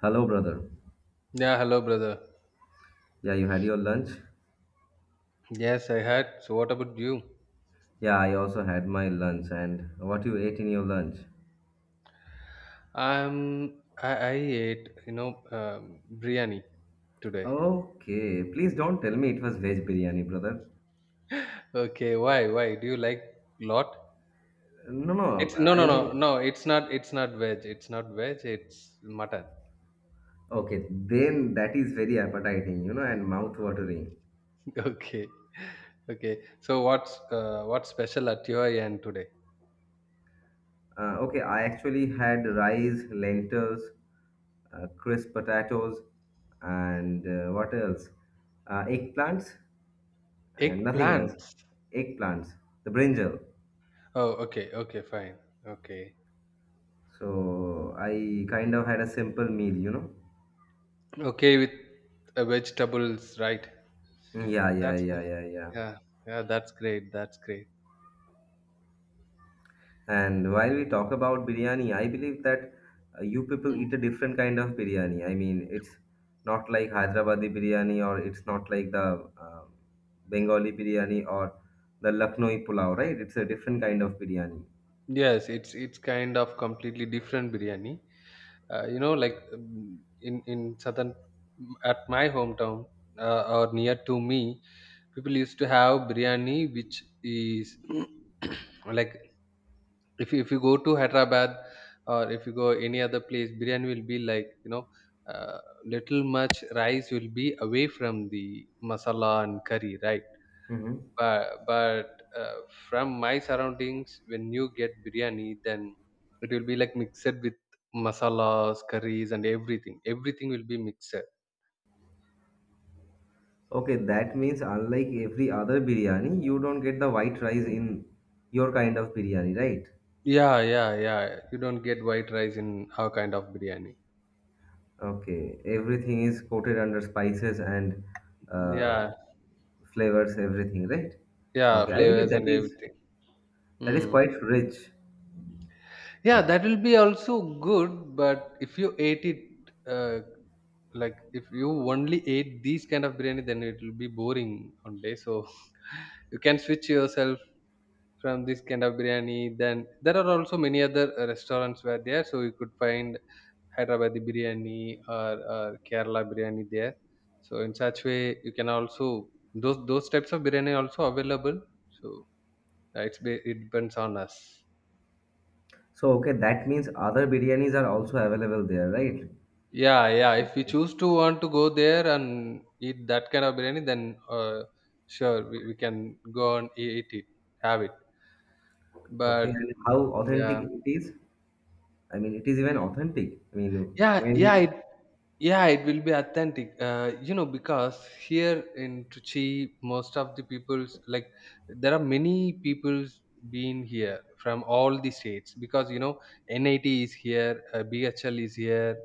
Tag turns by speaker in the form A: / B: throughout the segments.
A: Hello, brother.
B: Yeah, hello, brother.
A: Yeah, you had your lunch?
B: Yes, I had. So, what about you?
A: Yeah, I also had my lunch. And what you ate in your lunch?
B: I ate, biryani today.
A: Okay, please don't tell me it was veg biryani, brother.
B: Okay, why? Why do you like lot?
A: No, no,
B: It's no,
A: I
B: no,
A: mean,
B: no, no. It's not. It's not veg. It's not veg. It's mutton.
A: okay, then that is very appetizing, you know, and mouth watering.
B: Okay, okay. So, what's special at your end today?
A: Okay, I actually had rice, lentils, crisp potatoes, and what else? Eggplants and nothing else.
B: Eggplants.
A: Eggplants, the brinjal.
B: Oh, okay, okay, fine. Okay,
A: So I kind of had a simple meal.
B: okay with vegetables, right?
A: Yeah, yeah,
B: That's
A: yeah, yeah, yeah.
B: yeah, yeah. That's great. That's great.
A: And while we talk about biryani, I believe that you people eat a
B: Hmm.
A: different kind of biryani. I mean, it's not like Hyderabadi biryani, or it's not like the Bengali biryani or the Lucknowi pulao, right? It's a different kind of biryani.
B: Yes, it's kind of completely different biryani. You know, in southern at my hometown or near to me, people used to have biryani, which is like if you go to Hyderabad or if you go any other place, biryani will be like uh, little much rice will be away from the masala and curry, right?
A: Hmm.
B: But uh, from my surroundings when you get biryani, then it will be like mixed with masalas curries and everything will be mixed.
A: Okay, that means unlike every other biryani, you don't get the white rice in your kind of biryani, right?
B: Yeah, yeah, yeah, you don't get white rice in our kind of biryani.
A: Okay, everything is coated under spices and uh,
B: Yeah,
A: flavors, everything, right?
B: yeah,
A: Okay, I believe
B: flavors
A: that
B: and
A: is
B: everything. Mm.
A: quite rich.
B: Yeah,
A: And
B: that will be also good. But if you ate it, uh, like if you only ate these kind of biryani, then it will be boring one day, so you can switch yourself from this kind of biryani. Then there are also many other restaurants were there, so you could find Hyderabadi biryani or Kerala biryani there. So in such way, you can also those types of biryani also available. So it depends on us.
A: so, okay, that means other biryanis are also available there, right?
B: Yeah, yeah. If we choose to want to go there and eat that kind of biryani, then sure we can go and eat it, have it.
A: Okay,
B: But
A: and how authentic
B: yeah.
A: it is? I mean, it is even authentic. I mean,
B: Yeah,
A: when
B: yeah,
A: we
B: it, yeah, it will be authentic. You know, because here in Trichy, most of the people's like there are many people's been here from all the states, because you know NIT is here, BHL is here,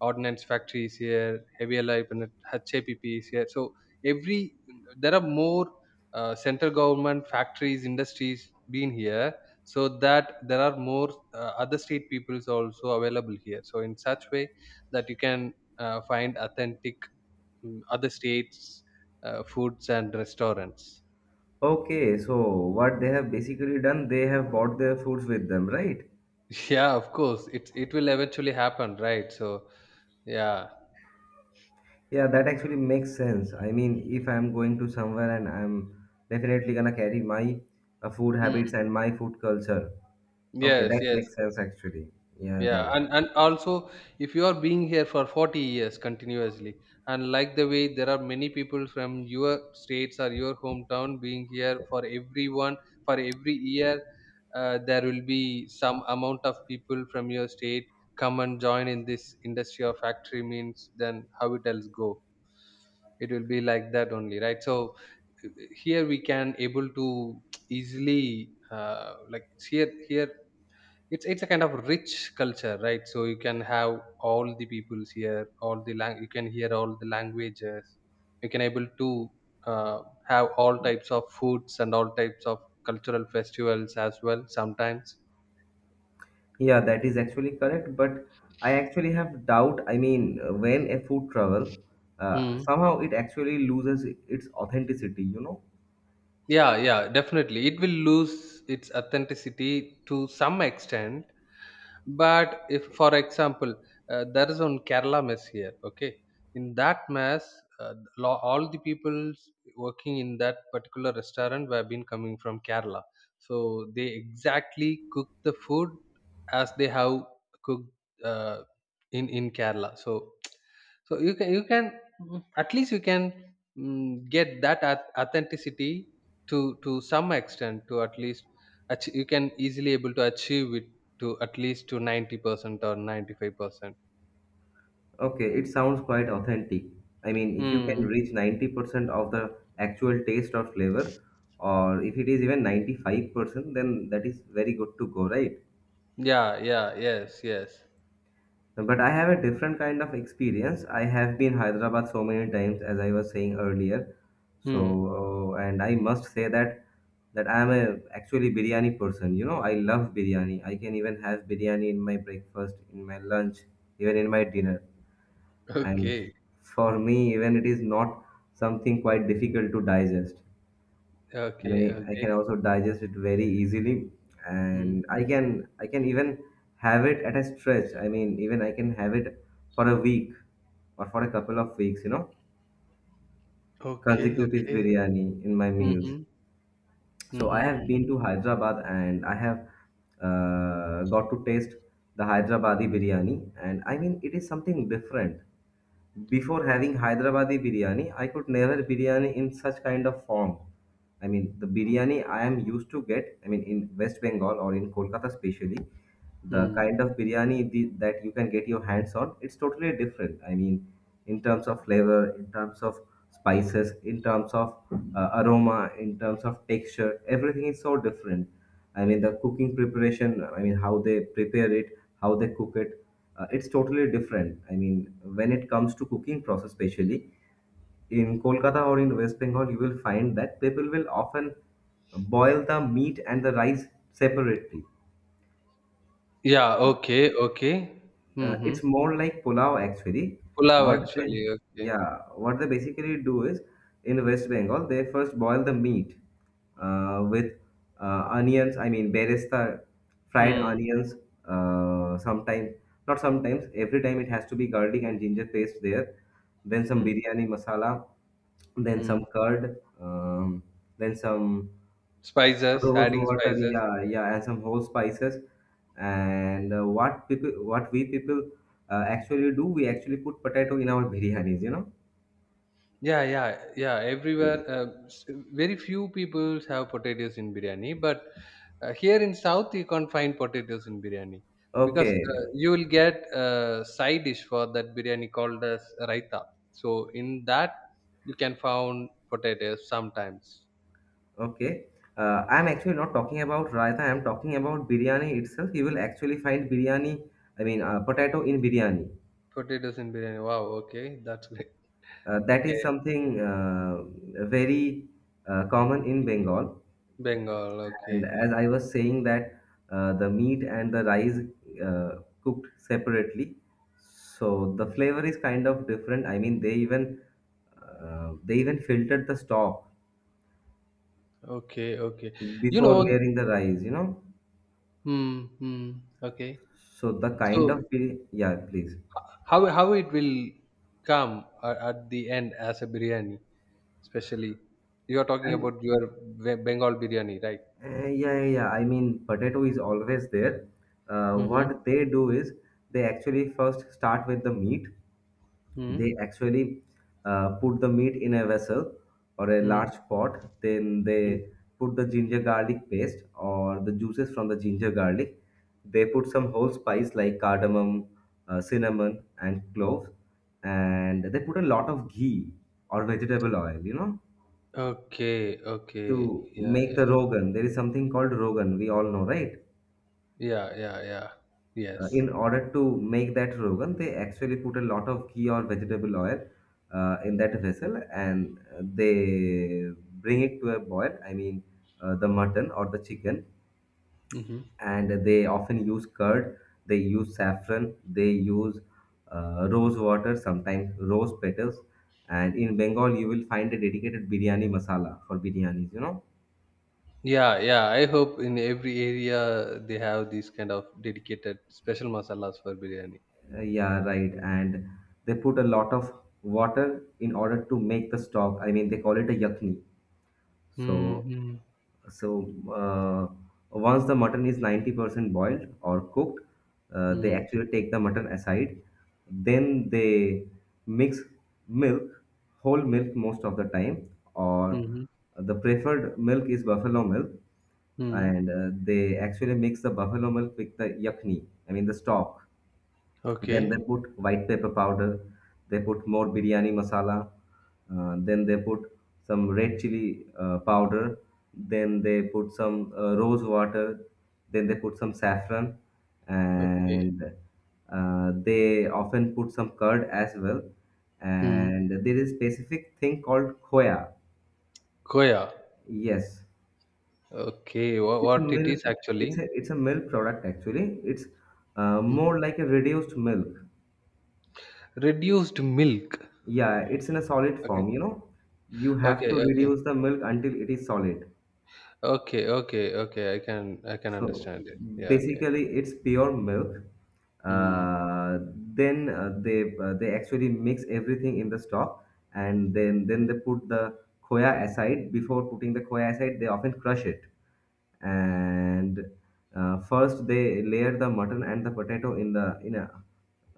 B: Ordnance Factory is here, Heavy Life and HAPP is here. So every there are more central government factories, industries being here, so that there are more other street peoples also available here, so in such way that you can find authentic other states foods and restaurants.
A: okay, so what they have basically done, they have bought their foods with them, right?
B: Yeah, of course it will eventually happen, right? So yeah.
A: Yeah, that actually makes sense. I mean, if I'm going to somewhere and I'm definitely gonna carry my food
B: Mm.
A: habits and my food culture. Okay,
B: Yes,
A: that
B: yes.
A: makes sense actually. Yeah,
B: Yeah,
A: right.
B: and also if you are being here for 40 years continuously, and like the way there are many people from your states or your hometown being here for everyone, for every year, there will be some amount of people from your state come and join in this industry or factory means, then how it else go. It will be like that only, right? So here we can able to easily like here it's a kind of rich culture, right? So you can have all the peoples here, all the you can hear all the languages, you can able to uh, have all types of foods and all types of cultural festivals as well sometimes.
A: Yeah, that is actually correct, but I actually have doubt. I mean, when a food travel,
B: Hmm.
A: somehow it actually loses its authenticity, you know?
B: Yeah, yeah, definitely. It will lose its authenticity to some extent. But if, for example, there is one Kerala mess here. Okay, in that mess, all the people working in that particular restaurant have been coming from Kerala, so they exactly cook the food as they have cooked uh, in Kerala. So so you can you can at least you can, get that authenticity to some extent, to at least you can easily able to achieve it to at least to 90% or 95%.
A: Okay, it sounds quite authentic. I mean, if you can
B: Hmm.
A: reach 90% of the actual taste or flavor, or if it is even 95%, then that is very good to go, right?
B: Yeah, yeah, yes, yes.
A: But I have a different kind of experience. I have been Hyderabad so many times, as I was saying earlier.
B: Hmm.
A: So, and I must say that I am a actually biryani person. You know, I love biryani. I can even have biryani in my breakfast, in my lunch, even in my dinner. And
B: Okay.
A: for me, even it is not something quite difficult to digest. I
B: Okay,
A: mean, I
B: okay.
A: can also digest it very easily,
B: Hmm.
A: and I can even have it at a stretch. I mean, even I can have it for a week or for a couple of weeks, you know,
B: Okay,
A: consecutive
B: okay.
A: biryani in my meals.
B: Mm-hmm.
A: So
B: Mm-hmm.
A: I have been
B: Mm-hmm.
A: to Hyderabad and I have got to taste the Hyderabadi biryani, and I mean, it is something different. Before having Hyderabadi biryani, I could never biryani in such kind of form. I mean, the biryani I am used to get, I mean, in West Bengal or in Kolkata especially, the
B: Hmm.
A: kind of biryani that you can get your hands on, it's totally different. I mean, in terms of flavor, in terms of spices, in terms of aroma, in terms of texture, everything is so different. I mean, the cooking preparation, I mean, how they prepare it, how they cook it, it's totally different. I mean, when it comes to cooking process, especially in Kolkata or in West Bengal, you will find that people will often boil the meat and the rice separately.
B: Yeah, okay, okay.
A: It's
B: Mm-hmm.
A: more like pulao actually.
B: Pulav
A: What they,
B: actually, okay.
A: yeah, what they basically do is in West Bengal, they first boil the meat with onions. I mean, beresta, fried
B: Hmm.
A: onions. Sometimes, not sometimes, every time it has to be garlic and ginger paste there. Then some
B: Hmm.
A: biryani masala, then
B: Hmm.
A: some curd, then some
B: Spices,
A: rose
B: adding
A: water,
B: spices.
A: yeah, yeah, and some whole spices. And what we people actually do, we actually put potato in our biryanis, you know.
B: Yeah, yeah, yeah. Everywhere,
A: Mm.
B: very few people have potatoes in biryani, but here in South, you can't find potatoes in biryani, because
A: Okay,
B: you will get a side dish for that biryani called as raita. So in that, you can find potatoes sometimes.
A: okay. I'm actually not talking about raita. I'm talking about biryani itself. You will actually find biryani. I mean, potato in biryani.
B: Potatoes in biryani. Wow. Okay, that's great.
A: That is
B: Okay,
A: something very common in Bengal.
B: Bengal.
A: And
B: Okay,
A: as I
B: okay,
A: was saying that the meat and the rice cooked separately, so the flavor is kind of different. I mean, they even filtered the stock
B: okay. Okay. You
A: before
B: know.
A: layering the rice, you know.
B: Hmm. Hmm. Okay.
A: So the kind of
B: So
A: bi- yeah, please.
B: how it will come at the end as a biryani, especially you are talking
A: And
B: about your Bengal biryani, right?
A: yeah, yeah, yeah. I mean, potato is always there.
B: Mm-hmm.
A: What they do is they actually first start with the meat.
B: Mm-hmm.
A: They actually put the meat in a vessel or a large pot, then
B: Mm-hmm.
A: they put the ginger garlic paste or the juices from the ginger garlic. They put some whole spice like cardamom, cinnamon and cloves, and they put a lot of ghee or vegetable oil, you know,
B: Okay. Okay.
A: to
B: Yeah.
A: make
B: Yeah.
A: the rogan. There is something called rogan, we all know, right?
B: Yeah. Yeah. Yeah. Yes.
A: In order to make that rogan, they actually put a lot of ghee or vegetable oil in that vessel, and they bring it to a boil. I mean, the mutton or the chicken,
B: Mm-hmm.
A: and they often use curd, they use saffron, they use rose water, sometimes rose petals. And in Bengal, you will find a dedicated biryani masala for biryanis, you know?
B: Yeah, yeah. I hope in every area they have these kind of dedicated special masalas for biryani.
A: Yeah, right. And they put a lot of water in order to make the stock. I mean, they call it a yakni. So,
B: Mm-hmm.
A: so, uh, once the mutton is 90% boiled or cooked, they
B: Mm-hmm.
A: actually take the mutton aside. Then they mix milk, whole milk most of the time, or the preferred milk is buffalo milk,
B: Mm-hmm.
A: and they actually mix the buffalo milk with the yakni, I mean the stock. Then they
B: Okay.
A: put white pepper powder, they put more biryani masala, then they put some red chili powder, then they put some rose water, then they put some saffron,
B: Okay.
A: and they often put some curd as well.
B: Mm.
A: And there is specific thing called khoya.
B: Koya.
A: Yes,
B: Okay,
A: it's a
B: what it
A: milk.
B: is actually?
A: It's a milk product actually. It's
B: Mhm.
A: more like a reduced milk.
B: Reduced milk.
A: Yeah, it's in a solid
B: Okay,
A: form, you know. You have
B: okay,
A: to
B: okay,
A: reduce the milk until it is solid.
B: okay, okay, okay. I can
A: So
B: understand it. Yeah, okay.
A: basically, it's pure milk.
B: Hmm.
A: Uh, then they actually mix everything in the stock, and then they put the khoya aside. Before putting the khoya aside, they often crush it, and first they layer the mutton and the potato in the in a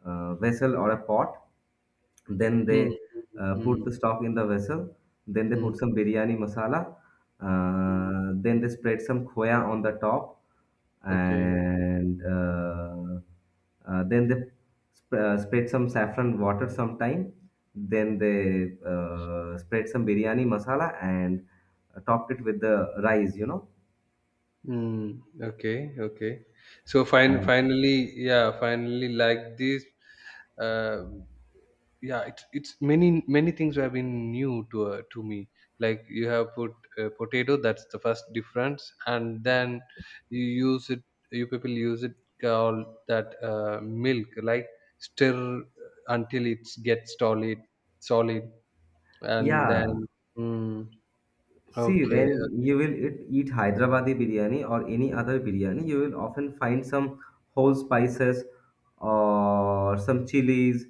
A: vessel or a pot, then
B: Hmm.
A: they
B: Hmm.
A: put the stock in the vessel. Then they
B: Hmm. Mm,
A: put some biryani masala.
B: mm.
A: Then they spread some khoya on the top,
B: Okay.
A: and then they spread some saffron water sometime. Then they spread some biryani masala and topped it with the rice, you know.
B: Hmm. Okay, okay. So
A: And,
B: finally, yeah, finally, like this. Uh, yeah, it's many many things have been new to me, like you have put potato, that's the first difference, and then you use it, you people use it, called that milk like stir until it's gets solid solid, and
A: yeah.
B: then mm,
A: See,
B: okay.
A: when you will eat Hyderabadi biryani or any other biryani, you will often find some whole spices or some chilies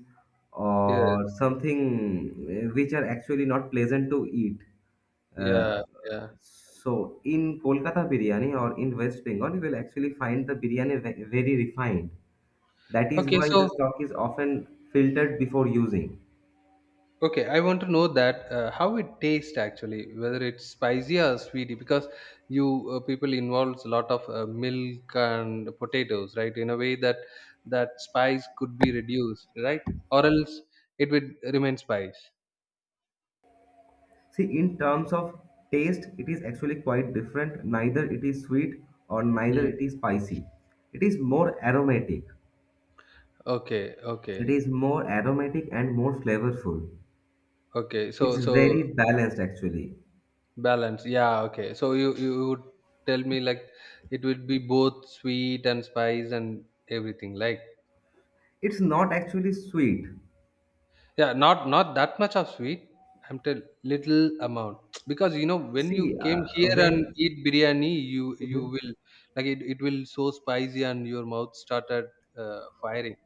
B: Yes,
A: or something which are actually not pleasant to eat. Uh,
B: yeah, yeah.
A: so, in Kolkata biryani or in West Bengal, you will actually find the biryani very refined. That is
B: Okay,
A: why the
B: so
A: stock is often filtered before using.
B: okay, I want to know that how it tastes actually, whether it's spicy or sweety, because you people involves a lot of milk and potatoes, right? In a way that that spice could be reduced, right? Or else it would remain spice.
A: See, in terms of taste, it is actually quite different. Neither it is sweet or neither
B: Mm.
A: it is spicy. It is more aromatic.
B: Okay,
A: It
B: okay,
A: is more aromatic and more flavorful.
B: okay.
A: It's
B: So
A: very balanced actually.
B: balance. Yeah, okay. So you would tell me like it would be both sweet and spice and everything, like.
A: It's not actually sweet.
B: Yeah, not not that much of sweet. I'm tell little amount because you know when you
A: See,
B: came here and
A: when.
B: eat biryani, you
A: Mhm.
B: will like it will so spicy and your mouth started firing.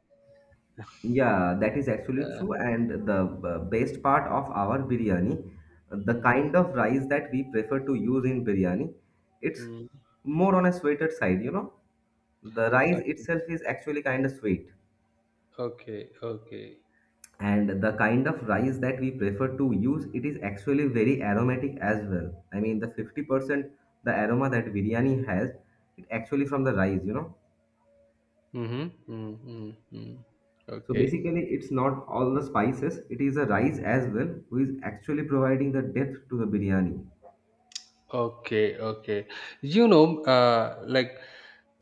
A: Yeah, that is actually
B: Uh,
A: true. And the best part of our biryani, the
B: mm,
A: kind of rice that we prefer to use in biryani, it's
B: mm.
A: more on a sweeter side, you know. The rice
B: Okay,
A: itself is actually kind of sweet.
B: okay, okay.
A: And the kind of rice that we prefer to use, it is actually very aromatic as well. I mean, the 50% the aroma that biryani has, it actually from the rice, you know.
B: Mm-hmm, mm, mm, mm.
A: So
B: Okay,
A: basically, it's not all the spices, it is a rice as well who is actually providing the depth to the biryani.
B: okay, okay. You know, like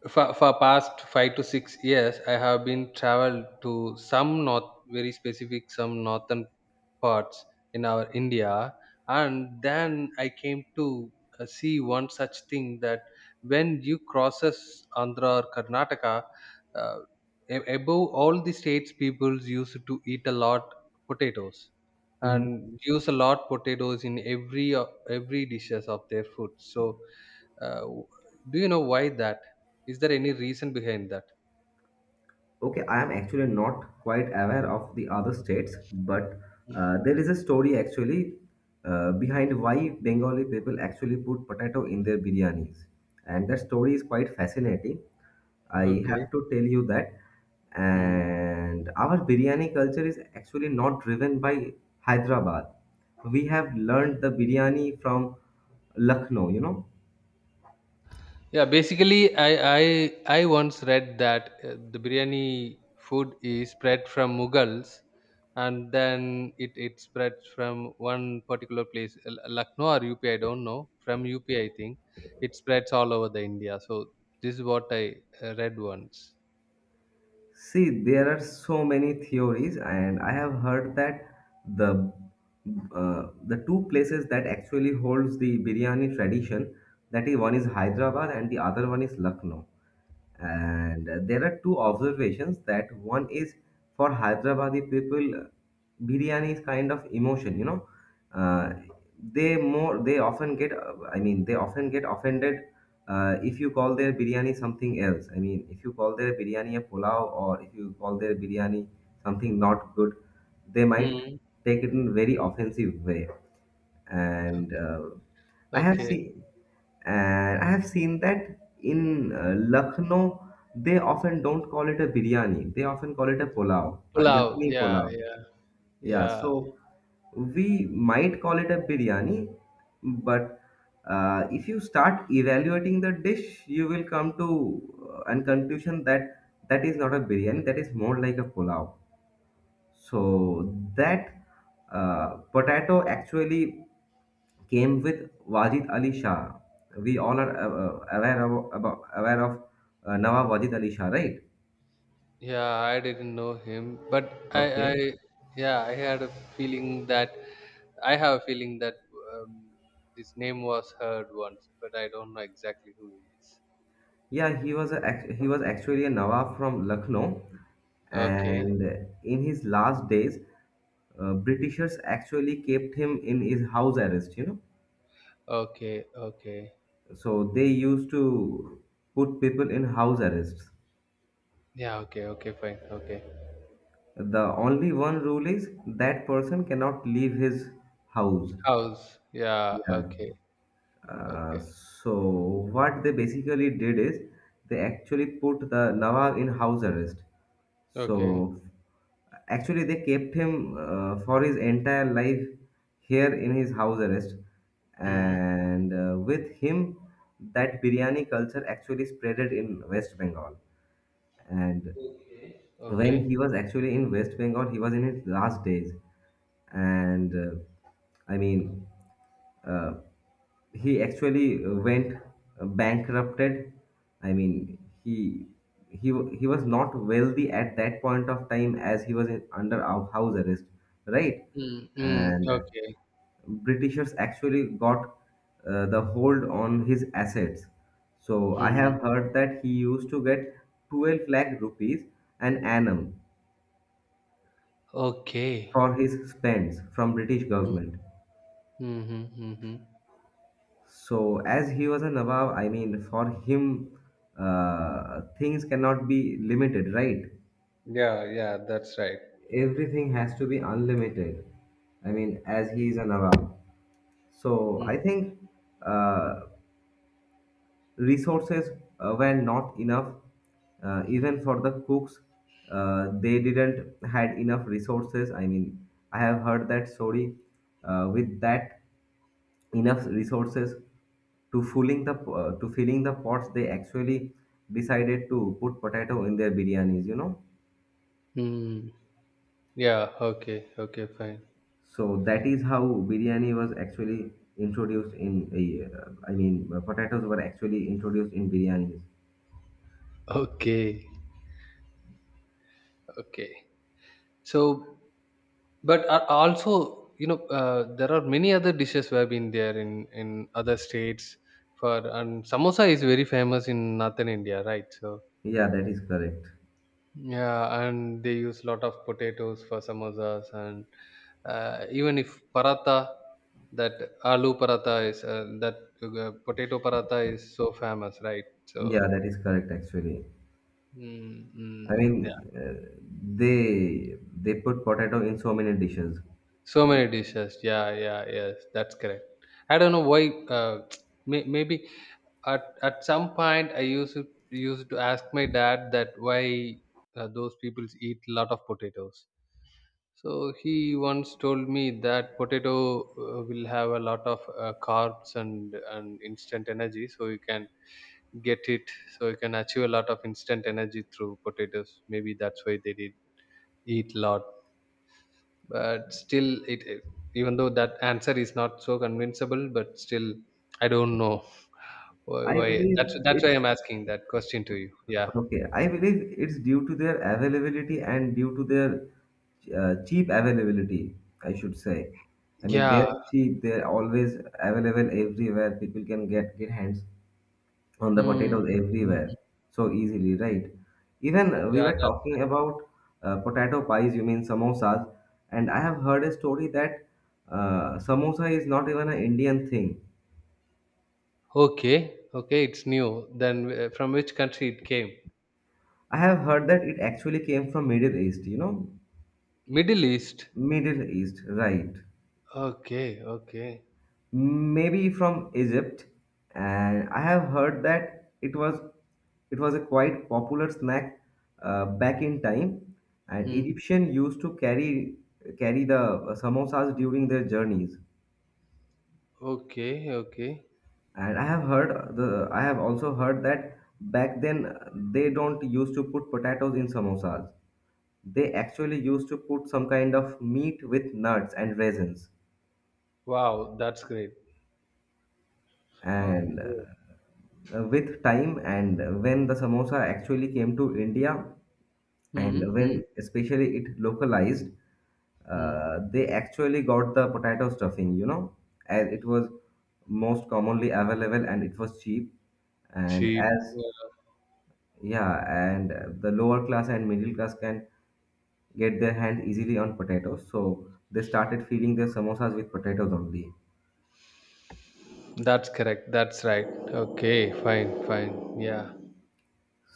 B: for past 5 to 6 years, I have been traveled to some north, very specific, some northern parts in our India. And then I came to see one such thing that when you crosses Andhra or Karnataka, uh, above all the states, peoples used to eat a lot potatoes and use a lot potatoes in every every dishes of their food. So, uh, w- do you know why that? Is there any reason behind that?
A: Okay, I am actually not quite aware of the other states, but
B: Mm,
A: there is a story actually behind why Bengali people actually put potato in their biryanis. And that story is quite fascinating. I
B: okay.
A: have to tell you that. And our biryani culture is actually not driven by Hyderabad. We have learned the biryani from Lucknow, you know.
B: Yeah, basically, I I once read that the biryani food is spread from Mughals, and then it spreads from one particular place, Lucknow or UP, I don't know. From UP, I think it spreads all over the India. So this is what I read once.
A: See, there are so many theories, and I have heard that the the two places that actually holds the biryani tradition, that is one is Hyderabad and the other one is Lucknow. And there are two observations. That one is, for Hyderabadi people, biryani is kind of emotion, you know. uh, they more, they often get they often get offended if you call their biryani something else. I mean, if you call their biryani a pulao, or if you call their biryani something not good, they might
B: Hmm.
A: take it in very offensive way. And I have
B: Okay,
A: seen, and I have seen that in Lucknow, they often don't call it a biryani, they often call it a pulao, a
B: pulao.
A: yakni
B: Yeah,
A: pulao.
B: yeah,
A: Yeah,
B: yeah.
A: so we might call it a biryani, but if you start evaluating the dish, you will come to an conclusion that that is not a biryani, that is more like a pulao. So that potato actually came with Wajid Ali Shah. We all are aware of, about, aware of Nawab Wajid Ali Shah, right?
B: Yeah, I didn't know him, but
A: Okay.
B: yeah, I had a feeling that I have a feeling that um, this name was heard once, but I don't know exactly who he is.
A: Yeah, he was a, he was actually a Nawab from Lucknow,
B: Okay,
A: and in his last days, britishers actually kept him in his house arrest, you know.
B: okay, okay.
A: So they used to put people in house arrests.
B: Yeah, okay, okay, fine, okay.
A: The only one rule is that person cannot leave his house.
B: House. Yeah,
A: Yeah.
B: okay, okay,
A: So what they basically did is they actually put the Nawab in house arrest.
B: okay.
A: So actually they kept him for his entire life here in his house arrest,
B: Hmm.
A: and with him that biryani culture actually spreaded in West Bengal, and
B: Okay.
A: when he was actually in West Bengal, he was in his last days, and I mean, uh, he actually went bankrupted. I mean, he he he was not wealthy at that point of time, as he was in, under our house arrest, right?
B: Hmm. Hmm.
A: And
B: Okay.
A: Britishers actually got the hold on his assets. So I
B: Hmm.
A: have heard that he used to get 12 lakh rupees an annum
B: Okay.
A: for his spends from British
B: Hmm.
A: government.
B: Hmm. Hmm. Hmm.
A: So as he was a Nawab, I mean, for him, things cannot be limited, right?
B: Yeah, yeah, that's right.
A: Everything has to be unlimited. I mean, as he
B: Hmm.
A: is a Nawab. So
B: Hmm.
A: I think uh, resources were not enough, even for the cooks. They didn't had enough resources. I mean, I have heard that story. With that enough resources to filling the to filling the pots, they actually decided to put potato in their biryanis, you know.
B: Hmm. Yeah, okay, okay, fine.
A: So that is how biryani was actually introduced in, potatoes were actually introduced in biryanis.
B: Okay, okay. So, but are also, you know, there are many other dishes we have been there in other states for, and samosa is very famous in northern India, right? So,
A: Yeah, that is correct.
B: yeah, and they use lot of potatoes for samosas, and even if paratha, that aloo paratha is that potato paratha is so famous, right?
A: Yeah,
B: So,
A: that is correct actually.
B: mm,
A: I
B: mm,
A: mean, they put potato in so many dishes.
B: so many dishes. Yeah, yeah, yes, that's correct. I don't know why. Maybe at some point I used to ask my dad that why those people eat a lot of potatoes. So he once told me that potato will have a lot of carbs and instant energy, so you can get it. So you can achieve a lot of instant energy through potatoes. Maybe that's why they did eat a lot, but still even though that answer is not so convincible, but still I don't know why,
A: I
B: that's
A: believe
B: why
A: it's
B: I'm asking that question to you. Yeah,
A: okay. I believe it's due to their availability and due to their cheap availability, I should say. I mean,
B: yeah.
A: they're cheap. They're always available everywhere. People can get hands on the
B: Hmm.
A: potatoes
B: Hmm.
A: everywhere so easily, right? Even we
B: Yeah,
A: were
B: that's
A: talking
B: right.
A: about potato pies, you mean samosas, and I have heard a story that samosa is not even an Indian thing.
B: Okay, okay, it's new. Then from which country it came?
A: I have heard that it actually came from Middle East, you know.
B: Middle east.
A: Middle East, right?
B: Okay, okay.
A: Maybe from Egypt. And I have heard that it was, it was a quite popular snack back in time, and
B: Hmm.
A: Egyptian used to carry, carry the samosas during their journeys.
B: Okay, okay.
A: And I have heard the, I have also heard that back then they don't used to put potatoes in samosas. They actually used to put some kind of meat with nuts and raisins.
B: Wow, that's great.
A: And
B: Okay.
A: with time, and when the samosa actually came to India,
B: Hmm.
A: and
B: Hmm.
A: when especially it localized,
B: Hmm.
A: they actually got the potato stuffing, you know, as it was most commonly available and it was cheap. And
B: Cheap.
A: as, yeah, and the lower class and middle class can get their hand easily on potatoes, so they started feeding their samosas with potatoes only.
B: That's correct, that's right. Okay, fine, fine, yeah.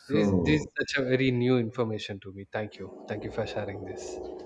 B: This is
A: So
B: such a very new information to me. Thank you. Thank you for sharing this.